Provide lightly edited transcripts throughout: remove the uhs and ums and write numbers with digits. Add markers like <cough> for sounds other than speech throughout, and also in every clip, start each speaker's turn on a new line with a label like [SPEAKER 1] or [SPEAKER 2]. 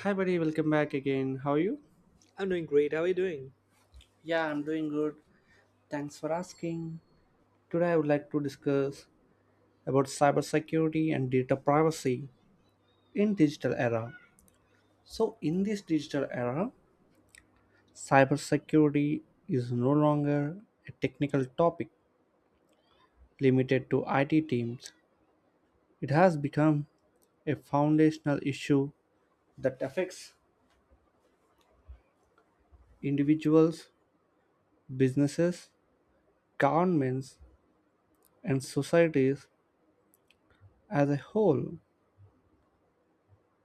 [SPEAKER 1] Hi, buddy. Welcome back again. How are you?
[SPEAKER 2] I'm doing great. How are you doing?
[SPEAKER 1] Yeah, I'm doing good. Thanks for asking. Today, I would like to discuss about cybersecurity and data privacy in digital era. So, in this digital era, cybersecurity is no longer a technical topic limited to IT teams. It has become a foundational issue that affects individuals, businesses, governments, and societies as a whole.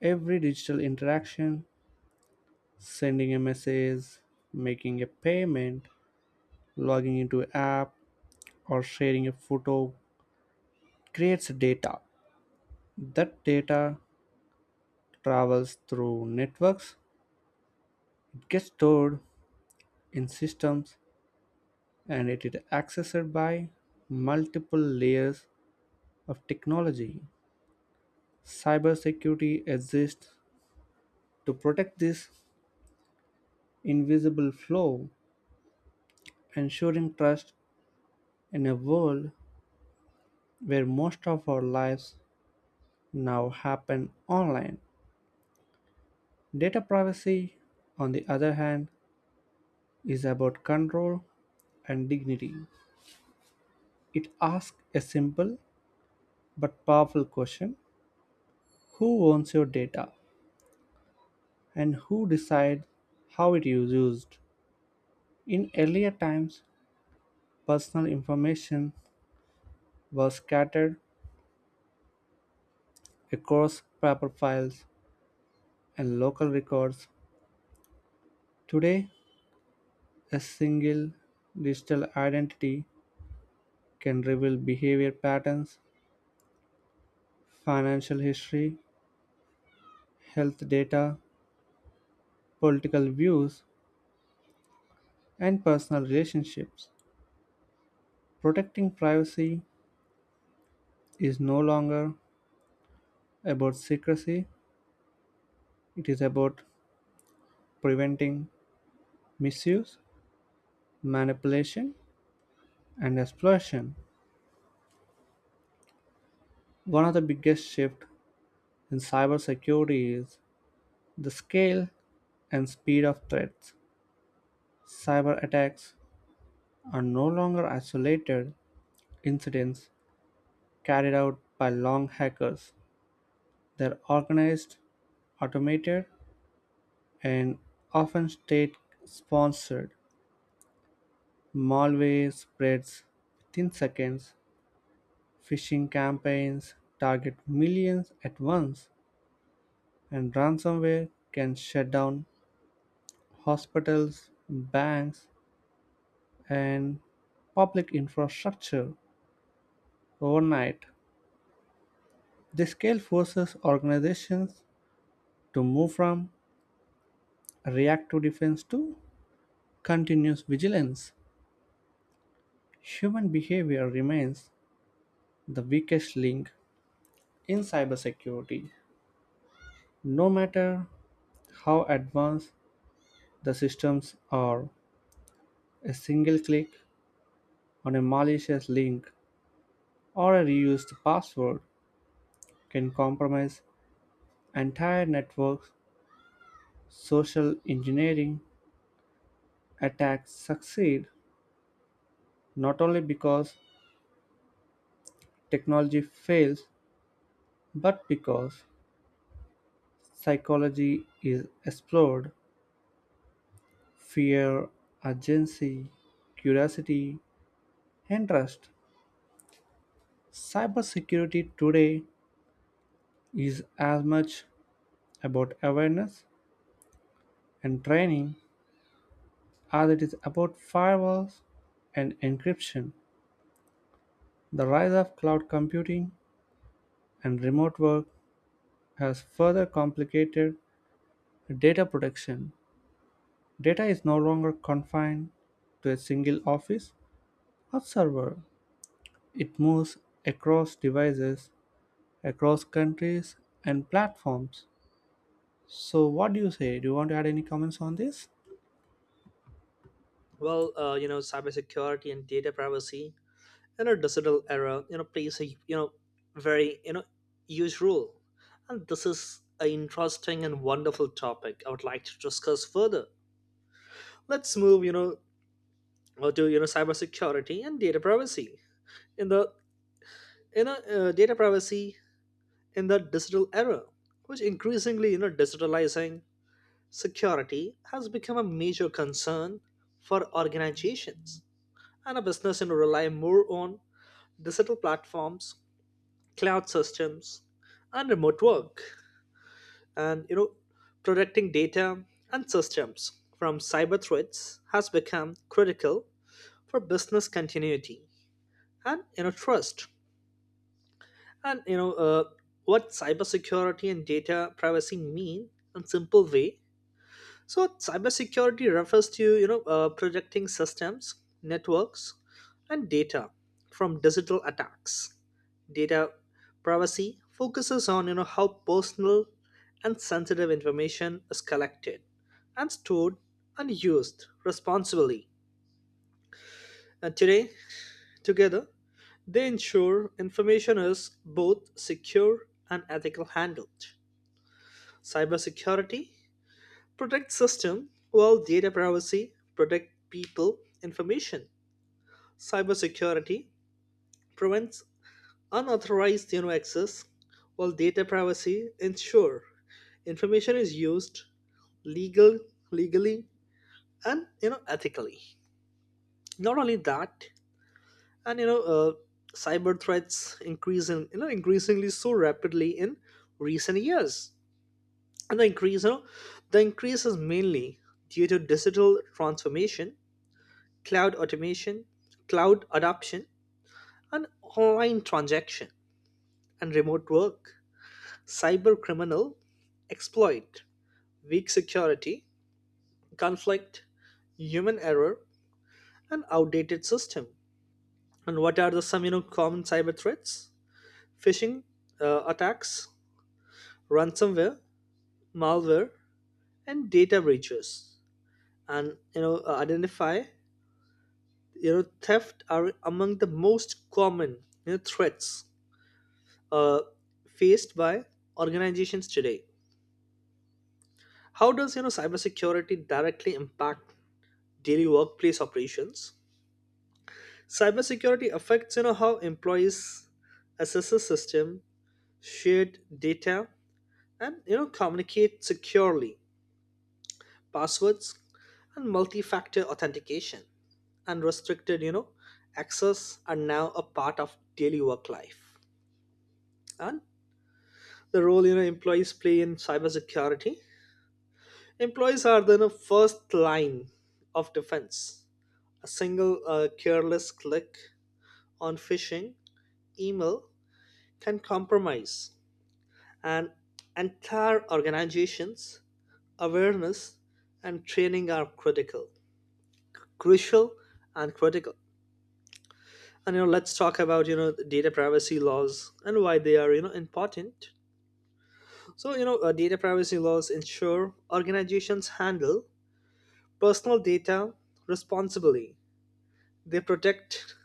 [SPEAKER 1] Every digital interaction, sending a message, making a payment, logging into an app, or sharing a photo, creates data. That data travels through networks, it gets stored in systems, and it is accessed by multiple layers of technology. Cybersecurity exists to protect this invisible flow, ensuring trust in a world where most of our lives now happen online. Data privacy, on the other hand, is about control and dignity. It asks a simple but powerful question: who owns your data? And who decides how it is used? In earlier times, personal information was scattered across paper files and local records. Today, a single digital identity can reveal behavior patterns, financial history, health data, political views, and personal relationships. Protecting privacy is no longer about secrecy, it is about preventing misuse, manipulation, and exploitation. One of the biggest shifts in cybersecurity is the scale and speed of threats. Cyber attacks are no longer isolated incidents carried out by long hackers. They're organized, automated, and often state-sponsored. Malware spreads within seconds. Phishing campaigns target millions at once, and ransomware can shut down hospitals, banks, and public infrastructure overnight. The scale forces organizations to move from reactive defense to continuous vigilance. Human behavior remains the weakest link in cybersecurity. No matter how advanced the systems are, a single click on a malicious link or a reused password can compromise entire networks. Social engineering attacks succeed not only because technology fails, but because psychology is explored: fear, urgency, curiosity, and trust. Cybersecurity today is as much about awareness and training as it is about firewalls and encryption. The rise of cloud computing and remote work has further complicated data protection. Data is no longer confined to a single office or server. It moves across devices, across countries and platforms. So, what do you say? Do you want to add any comments on this?
[SPEAKER 2] Well, cybersecurity and data privacy in our digital era, plays a very huge role, and this is an interesting and wonderful topic. I would like to discuss further. Let's move, to cybersecurity and data privacy in the data privacy in the digital era, which increasingly digitalizing security has become a major concern for organizations and a business and rely more on digital platforms, cloud systems, and remote work, and protecting data and systems from cyber threats has become critical for business continuity and trust. And what cybersecurity and data privacy mean in simple way. So cybersecurity refers to protecting systems, networks, and data from digital attacks. Data privacy focuses on how personal and sensitive information is collected and stored and used responsibly. And today, together, they ensure information is both secure and ethical handled. Cybersecurity protect system well data privacy protect people information. Cybersecurity prevents unauthorized access while data privacy ensure information is used legal legally and ethically, not only that. And cyber threats increasing increasingly so rapidly in recent years, and the increase is mainly due to digital transformation, cloud automation, cloud adoption, and online transaction and remote work. Cyber criminal exploit, weak security, conflict, human error, and outdated system. And what are the some common cyber threats? Phishing attacks, ransomware, malware, and data breaches. And identify theft are among the most common threats uh, faced by organizations today. How does cybersecurity directly impact daily workplace operations? Cybersecurity affects how employees access the system, shared data, and communicate securely. Passwords and multi-factor authentication and restricted access are now a part of daily work life. And the role employees play in cybersecurity. Employees are the first line of defense. A single careless click on phishing email can compromise an entire organization's awareness, and training are critical, crucial, and critical. And let's talk about the data privacy laws and why they are important. So data privacy laws ensure organizations handle personal data responsibly. They protect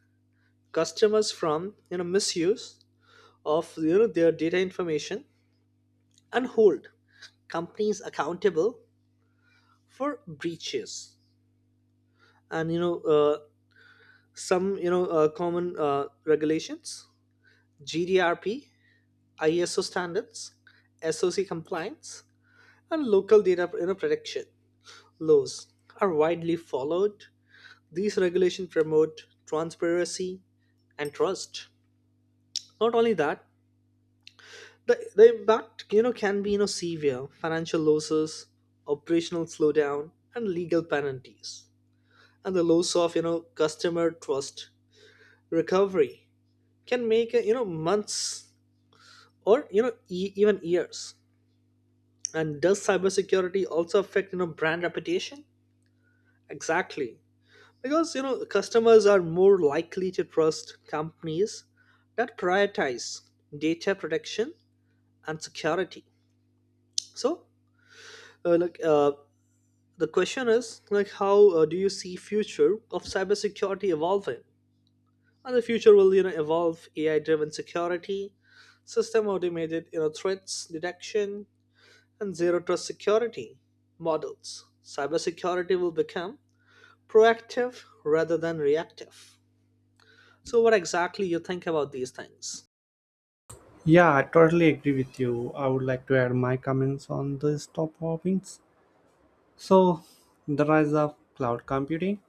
[SPEAKER 2] customers from misuse of their data information and hold companies accountable for breaches. And some common regulations, GDRP, iso standards, soc compliance, and local data protection laws are widely followed. These regulations promote transparency and trust, not only that. The impact can be severe financial losses, operational slowdown, and legal penalties. And the loss of customer trust recovery can make months or even years. And does cybersecurity also affect brand reputation? Exactly, because customers are more likely to trust companies that prioritize data protection and security. So, uh, like uh, the question is, like, how do you see future of cybersecurity evolving? And the future will evolve AI driven security, system automated threats detection and zero trust security models. Cybersecurity will become proactive rather than reactive. So what exactly you think about these things?
[SPEAKER 1] Yeah, I totally agree with you. I would like to add my comments on these top hobbies. So, the rise of cloud computing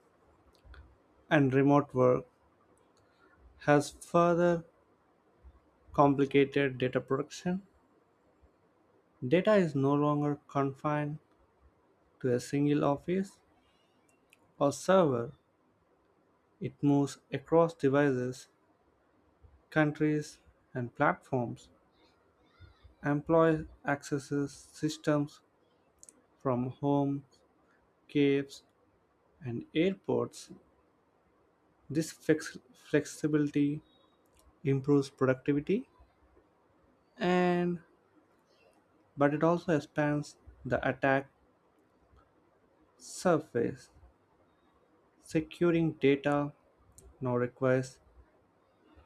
[SPEAKER 1] and remote work has further complicated data production. Data is no longer confined to a single office or server, it moves across devices, countries, and platforms. Employees access systems from homes, caves, and airports. This flexibility improves productivity and but it also expands the attack surface. Securing data now requires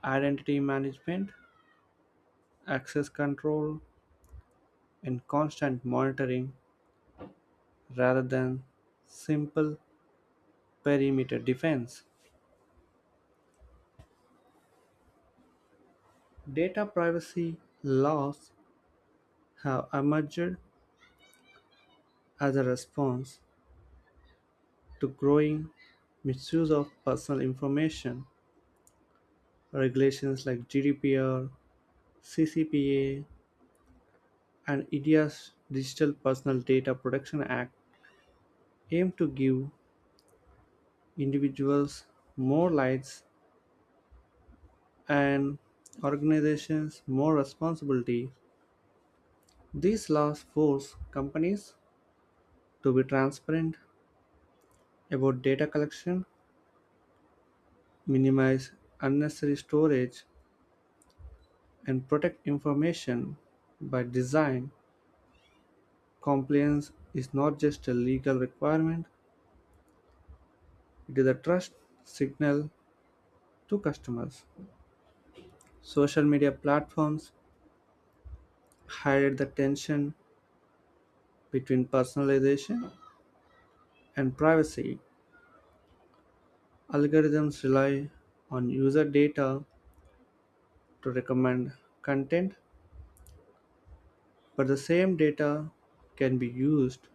[SPEAKER 1] identity management, access control, and constant monitoring rather than simple perimeter defense. Data privacy laws have emerged as a response to growing misuse of personal information. Regulations like GDPR, CCPA, and India's Digital Personal Data Protection Act aim to give individuals more rights and organizations more responsibility. These laws force companies to be transparent about data collection, minimize unnecessary storage, and protect information by design. Compliance is not just a legal requirement, it is a trust signal to customers. Social media platforms highlight the tension between personalization and privacy. Algorithms rely on user data to recommend content, but the same data can be used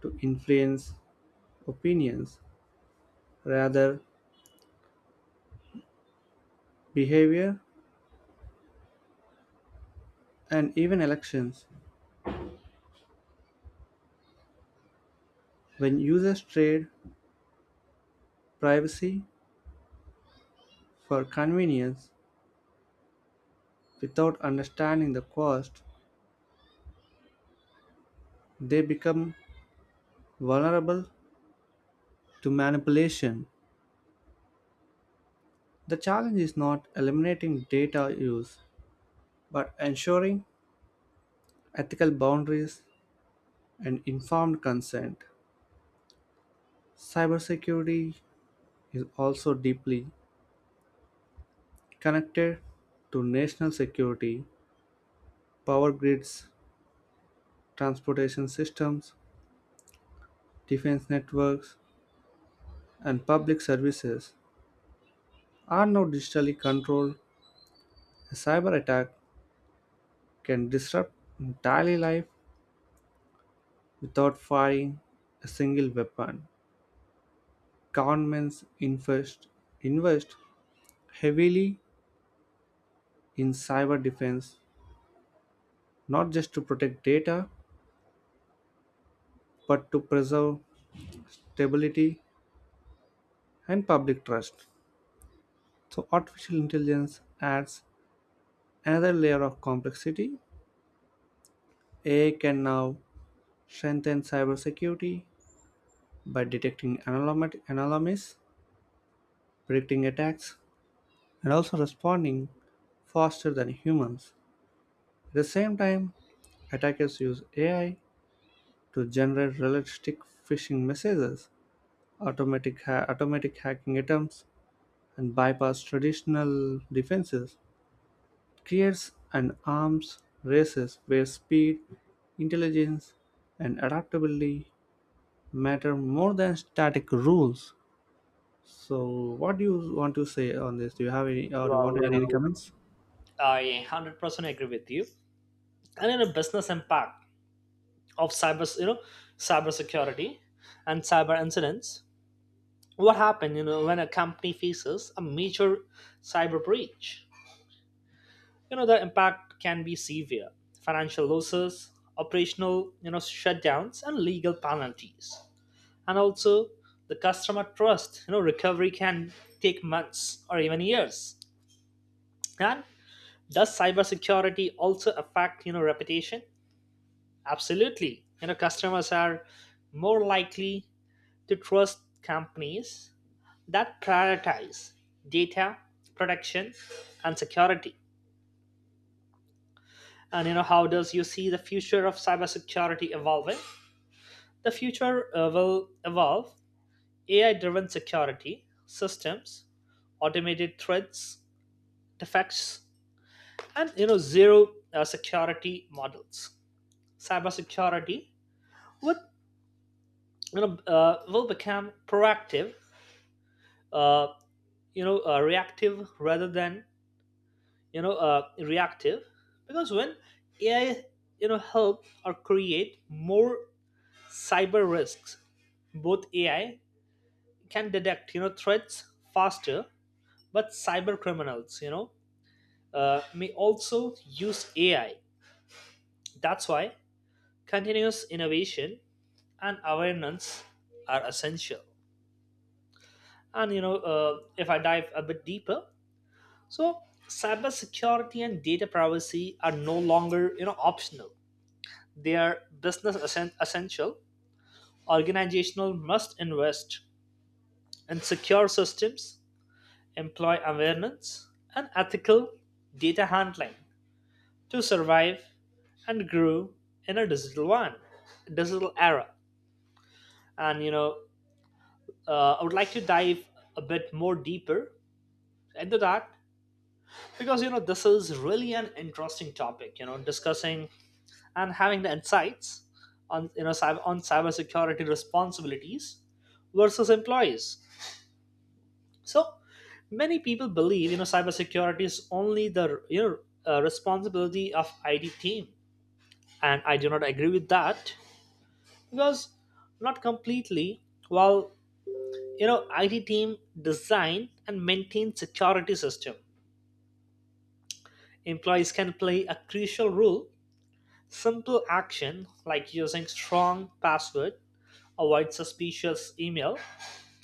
[SPEAKER 1] to influence opinions, rather, behavior, and even elections. When users trade privacy for convenience without understanding the cost, they become vulnerable to manipulation. The challenge is not eliminating data use, but ensuring ethical boundaries and informed consent. Cybersecurity is also deeply connected to national security. Power grids, transportation systems, defense networks, and public services are now digitally controlled. A cyber attack can disrupt entire life without firing a single weapon. Governments invest heavily in cyber defense, not just to protect data, but to preserve stability and public trust. So artificial intelligence adds another layer of complexity. AI can now strengthen cybersecurity by detecting anomalies, predicting attacks, and also responding faster than humans. At the same time, attackers use AI to generate realistic phishing messages, automatic hacking attempts, and bypass traditional defenses. It creates an arms races where speed, intelligence, and adaptability matter more than static rules. So, what do you want to say on this? Do you have any, or you want
[SPEAKER 2] Well,
[SPEAKER 1] to add any comments?
[SPEAKER 2] I 100% agree with you. And in a business impact of cyber, cybersecurity and cyber incidents, what happens when a company faces a major cyber breach, the impact can be severe financial losses, operational shutdowns and legal penalties. And also the customer trust recovery can take months or even years. And does cybersecurity also affect reputation? Absolutely, customers are more likely to trust companies that prioritize data protection and security. And how does you see the future of cybersecurity evolving? The future will evolve AI driven security systems, automated threats defects, and zero security models. Cybersecurity would you know will become proactive, uh, you know reactive rather than reactive. Because when AI help or create more cyber risks, both AI can detect threats faster, but cyber criminals may also use AI. That's why continuous innovation and awareness are essential. And if I dive a bit deeper, so cybersecurity and data privacy are no longer optional. They are business essential. Organizational must invest in secure systems, employ awareness, and ethical data handling to survive and grow in a digital era. And I would like to dive a bit more deeper into that, because this is really an interesting topic. You know, discussing and having the insights on on cybersecurity responsibilities versus employees. So many people believe cybersecurity is only the responsibility of IT team, and I do not agree with that, because not completely. While IT team design and maintain security system, employees can play a crucial role. Simple action like using strong password, avoid suspicious email,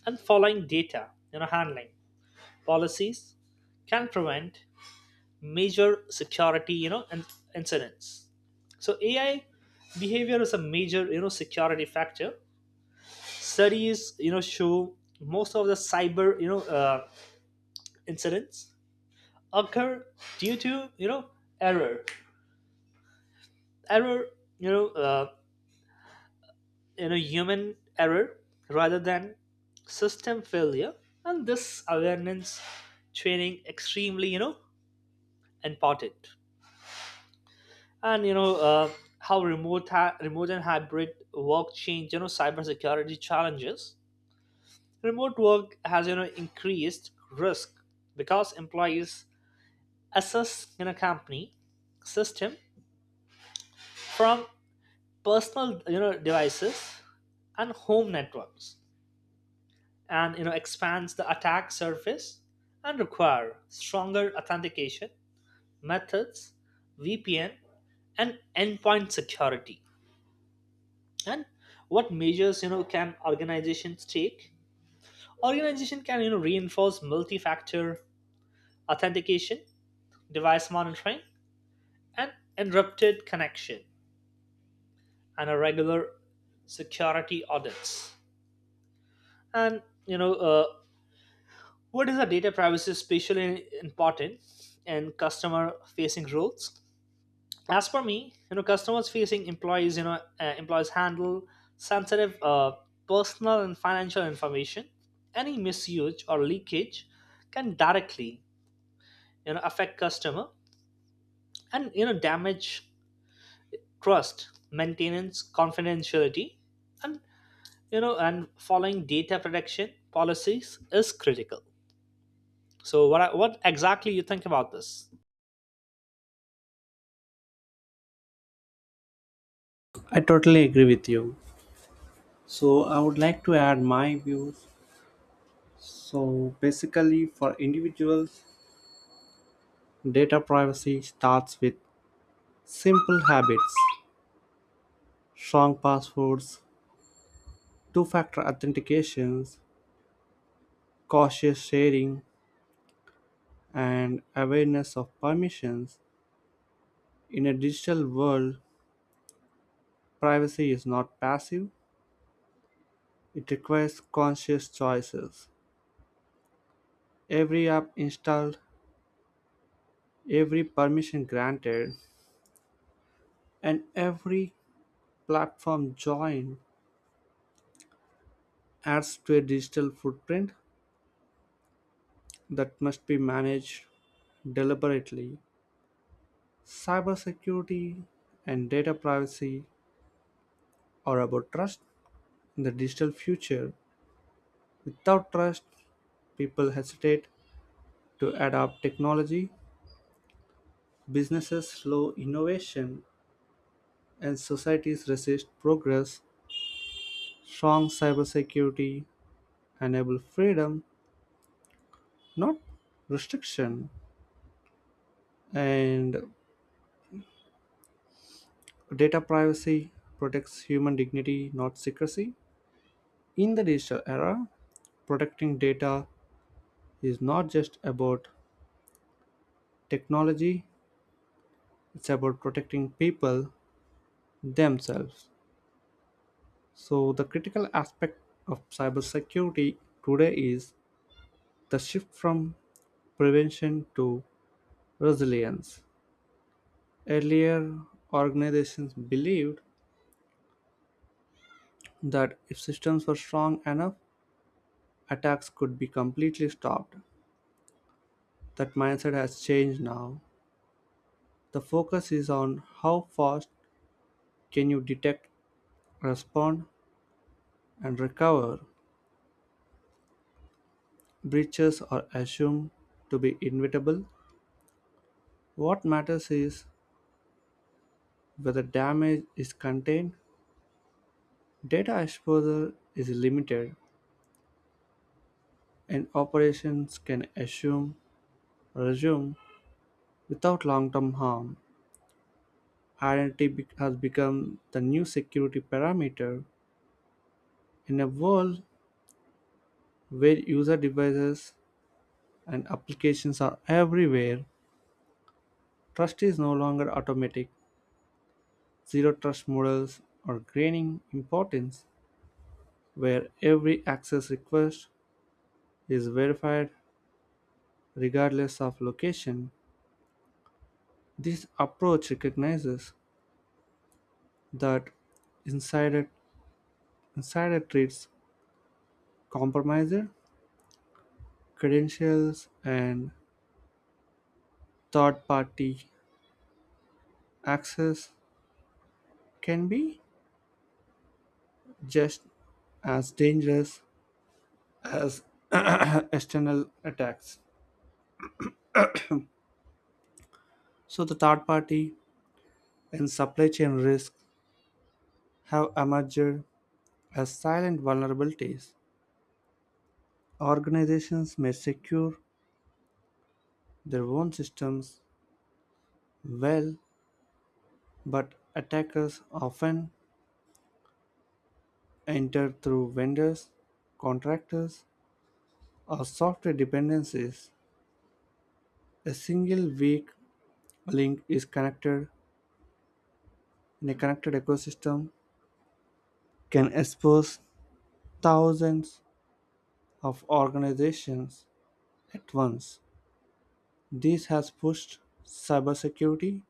[SPEAKER 2] and following data handling policies can prevent major security you know and incidents. So AI behavior is a major security factor. Studies show most of the cyber incidents occur due to you know error error you know uh, you know human error rather than system failure, and this awareness training extremely important. And how remote and hybrid work change cybersecurity challenges. Remote work has increased risk, because employees assess company system from personal devices and home networks, and expands the attack surface and require stronger authentication methods, VPN, and endpoint security. And what measures can organizations take? Organization can reinforce multi-factor authentication, device monitoring, and encrypted connection, and a regular security audits. And what is the data privacy especially important in customer facing roles? As for me, customers facing employees, employees handle sensitive personal and financial information. Any misuse or leakage can directly, affect customer and damage trust, maintenance, confidentiality, and and following data protection policies is critical. So, what exactly you think about this?
[SPEAKER 1] I totally agree with you. So I would like to add my views. So basically, for individuals, data privacy starts with simple habits, strong passwords, two factor authentications, cautious sharing, and awareness of permissions. In a digital world, privacy is not passive, it requires conscious choices. Every app installed, every permission granted, and every platform joined adds to a digital footprint that must be managed deliberately. Cybersecurity and data privacy are about trust in the digital future. Without trust, people hesitate to adopt technology, businesses slow innovation, and societies resist progress. Strong cybersecurity enable freedom, not restriction, and data privacy protects human dignity, not secrecy. In the digital era, protecting data is not just about technology, it's about protecting people themselves. So, the critical aspect of cybersecurity today is the shift from prevention to resilience. Earlier, organizations believed that if systems were strong enough, attacks could be completely stopped. That mindset has changed now. The focus is on how fast can you detect, respond, and recover. Breaches are assumed to be inevitable. What matters is whether damage is contained, data exposure is limited, and operations can assume resume without long-term harm. Has become the new security parameter in a world where user devices and applications are everywhere. Trust is no longer automatic. Zero trust models are gaining importance where every access request is verified regardless of location. This approach recognizes that insider, insider treats, compromised credentials, and third party access can be just as dangerous as <clears throat> external attacks. So, the third party and supply chain risk have emerged as silent vulnerabilities. Organizations may secure their own systems well, but attackers often enter through vendors, contractors, or software dependencies. A single weak link is connected in a connected ecosystem can expose thousands of organizations at once. This has pushed cybersecurity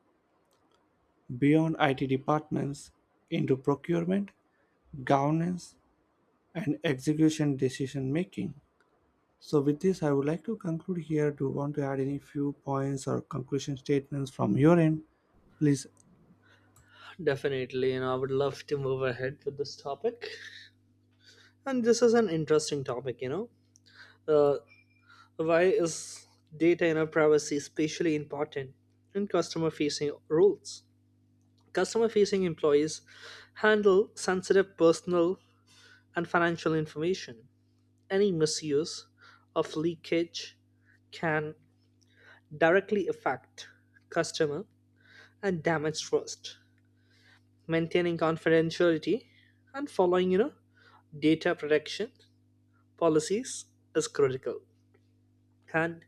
[SPEAKER 1] beyond IT departments into procurement, governance, and execution decision making. So with this, I would like to conclude here. Do you want to add any few points or conclusion statements from your end? Please.
[SPEAKER 2] Definitely, I would love to move ahead with this topic. And this is an interesting topic. Uh, why is data in our privacy especially important in customer facing roles? Customer facing employees handle sensitive personal and financial information. Any misuse of leakage can directly affect customer and damage trust. Maintaining confidentiality and following, data protection policies is critical. And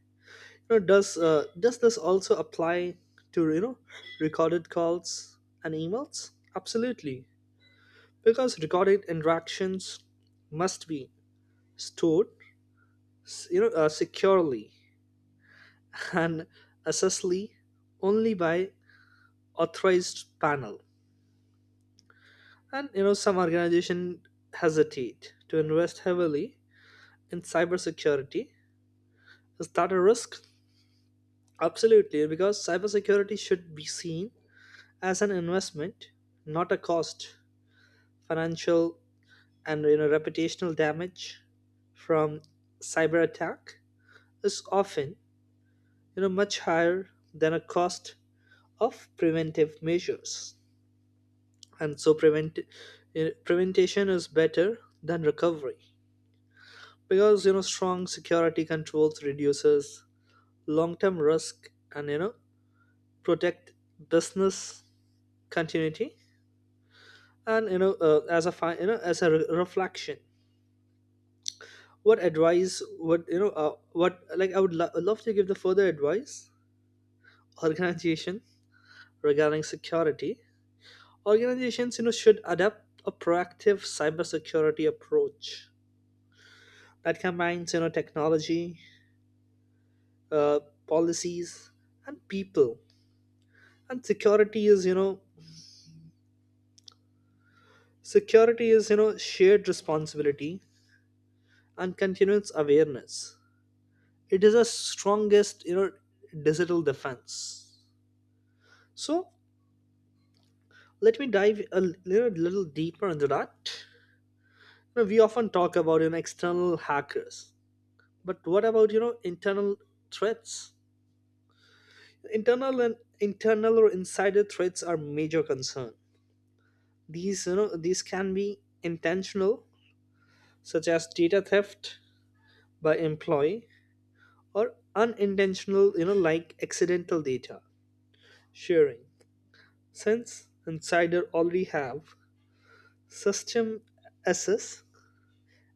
[SPEAKER 2] does this also apply to recorded calls and emails? Absolutely, because recorded interactions must be stored securely and accessibly only by authorized panel. And some organization hesitate to invest heavily in cybersecurity, is that a risk? Absolutely, because cybersecurity should be seen as an investment, not a cost. Financial and reputational damage from cyber attack is often much higher than a cost of preventive measures, and so prevention is better than recovery, because strong security controls reduces long-term risk and protect business continuity. And as a as a reflection, what advice would you know what like I would love to give, the further advice organization regarding security. Organizations should adopt a proactive cybersecurity approach that combines technology, uh, policies and people, and security is shared responsibility, and continuous awareness, it is our strongest digital defense. So let me dive a little deeper into that. We often talk about external hackers, but what about internal threats? Internal and internal or insider threats are major concern. These these can be intentional, such as data theft by employee, or unintentional, like accidental data sharing, since insider already have system access,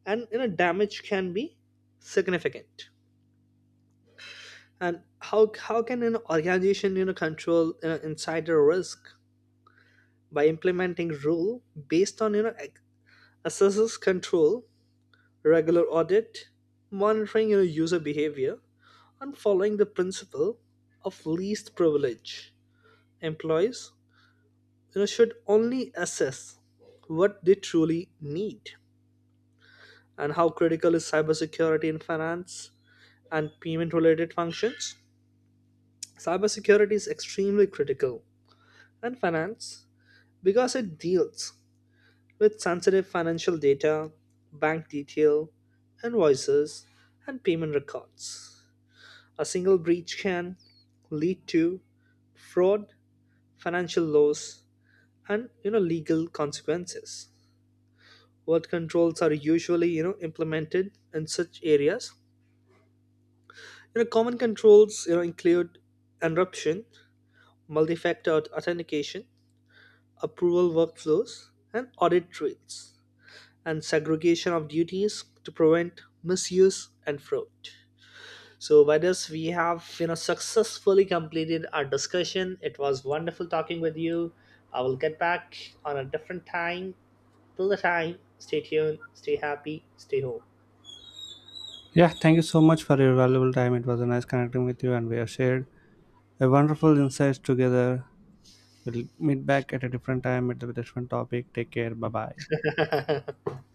[SPEAKER 2] and damage can be significant. And how can an organization control insider risk? By implementing rule based on assesses control, regular audit, monitoring user behavior, and following the principle of least privilege. Employees should only assess what they truly need. And how critical is cybersecurity in finance and payment related functions? Cybersecurity is extremely critical, and finance, because it deals with sensitive financial data, bank detail, invoices, and payment records. A single breach can lead to fraud, financial loss, and legal consequences. What controls are usually implemented in such areas? Common controls include encryption, multi-factor authentication, approval workflows, and audit trails, and segregation of duties to prevent misuse and fraud. So, by this, we have successfully completed our discussion. It was wonderful talking with you. I will get back on a different time. Till the time, stay tuned, stay happy, stay
[SPEAKER 1] Yeah, thank you so much for your valuable time. It was a nice connecting with you, and we have shared a wonderful insights together. We'll meet back at a different time with a different topic. Take care. Bye bye.
[SPEAKER 2] home. <laughs>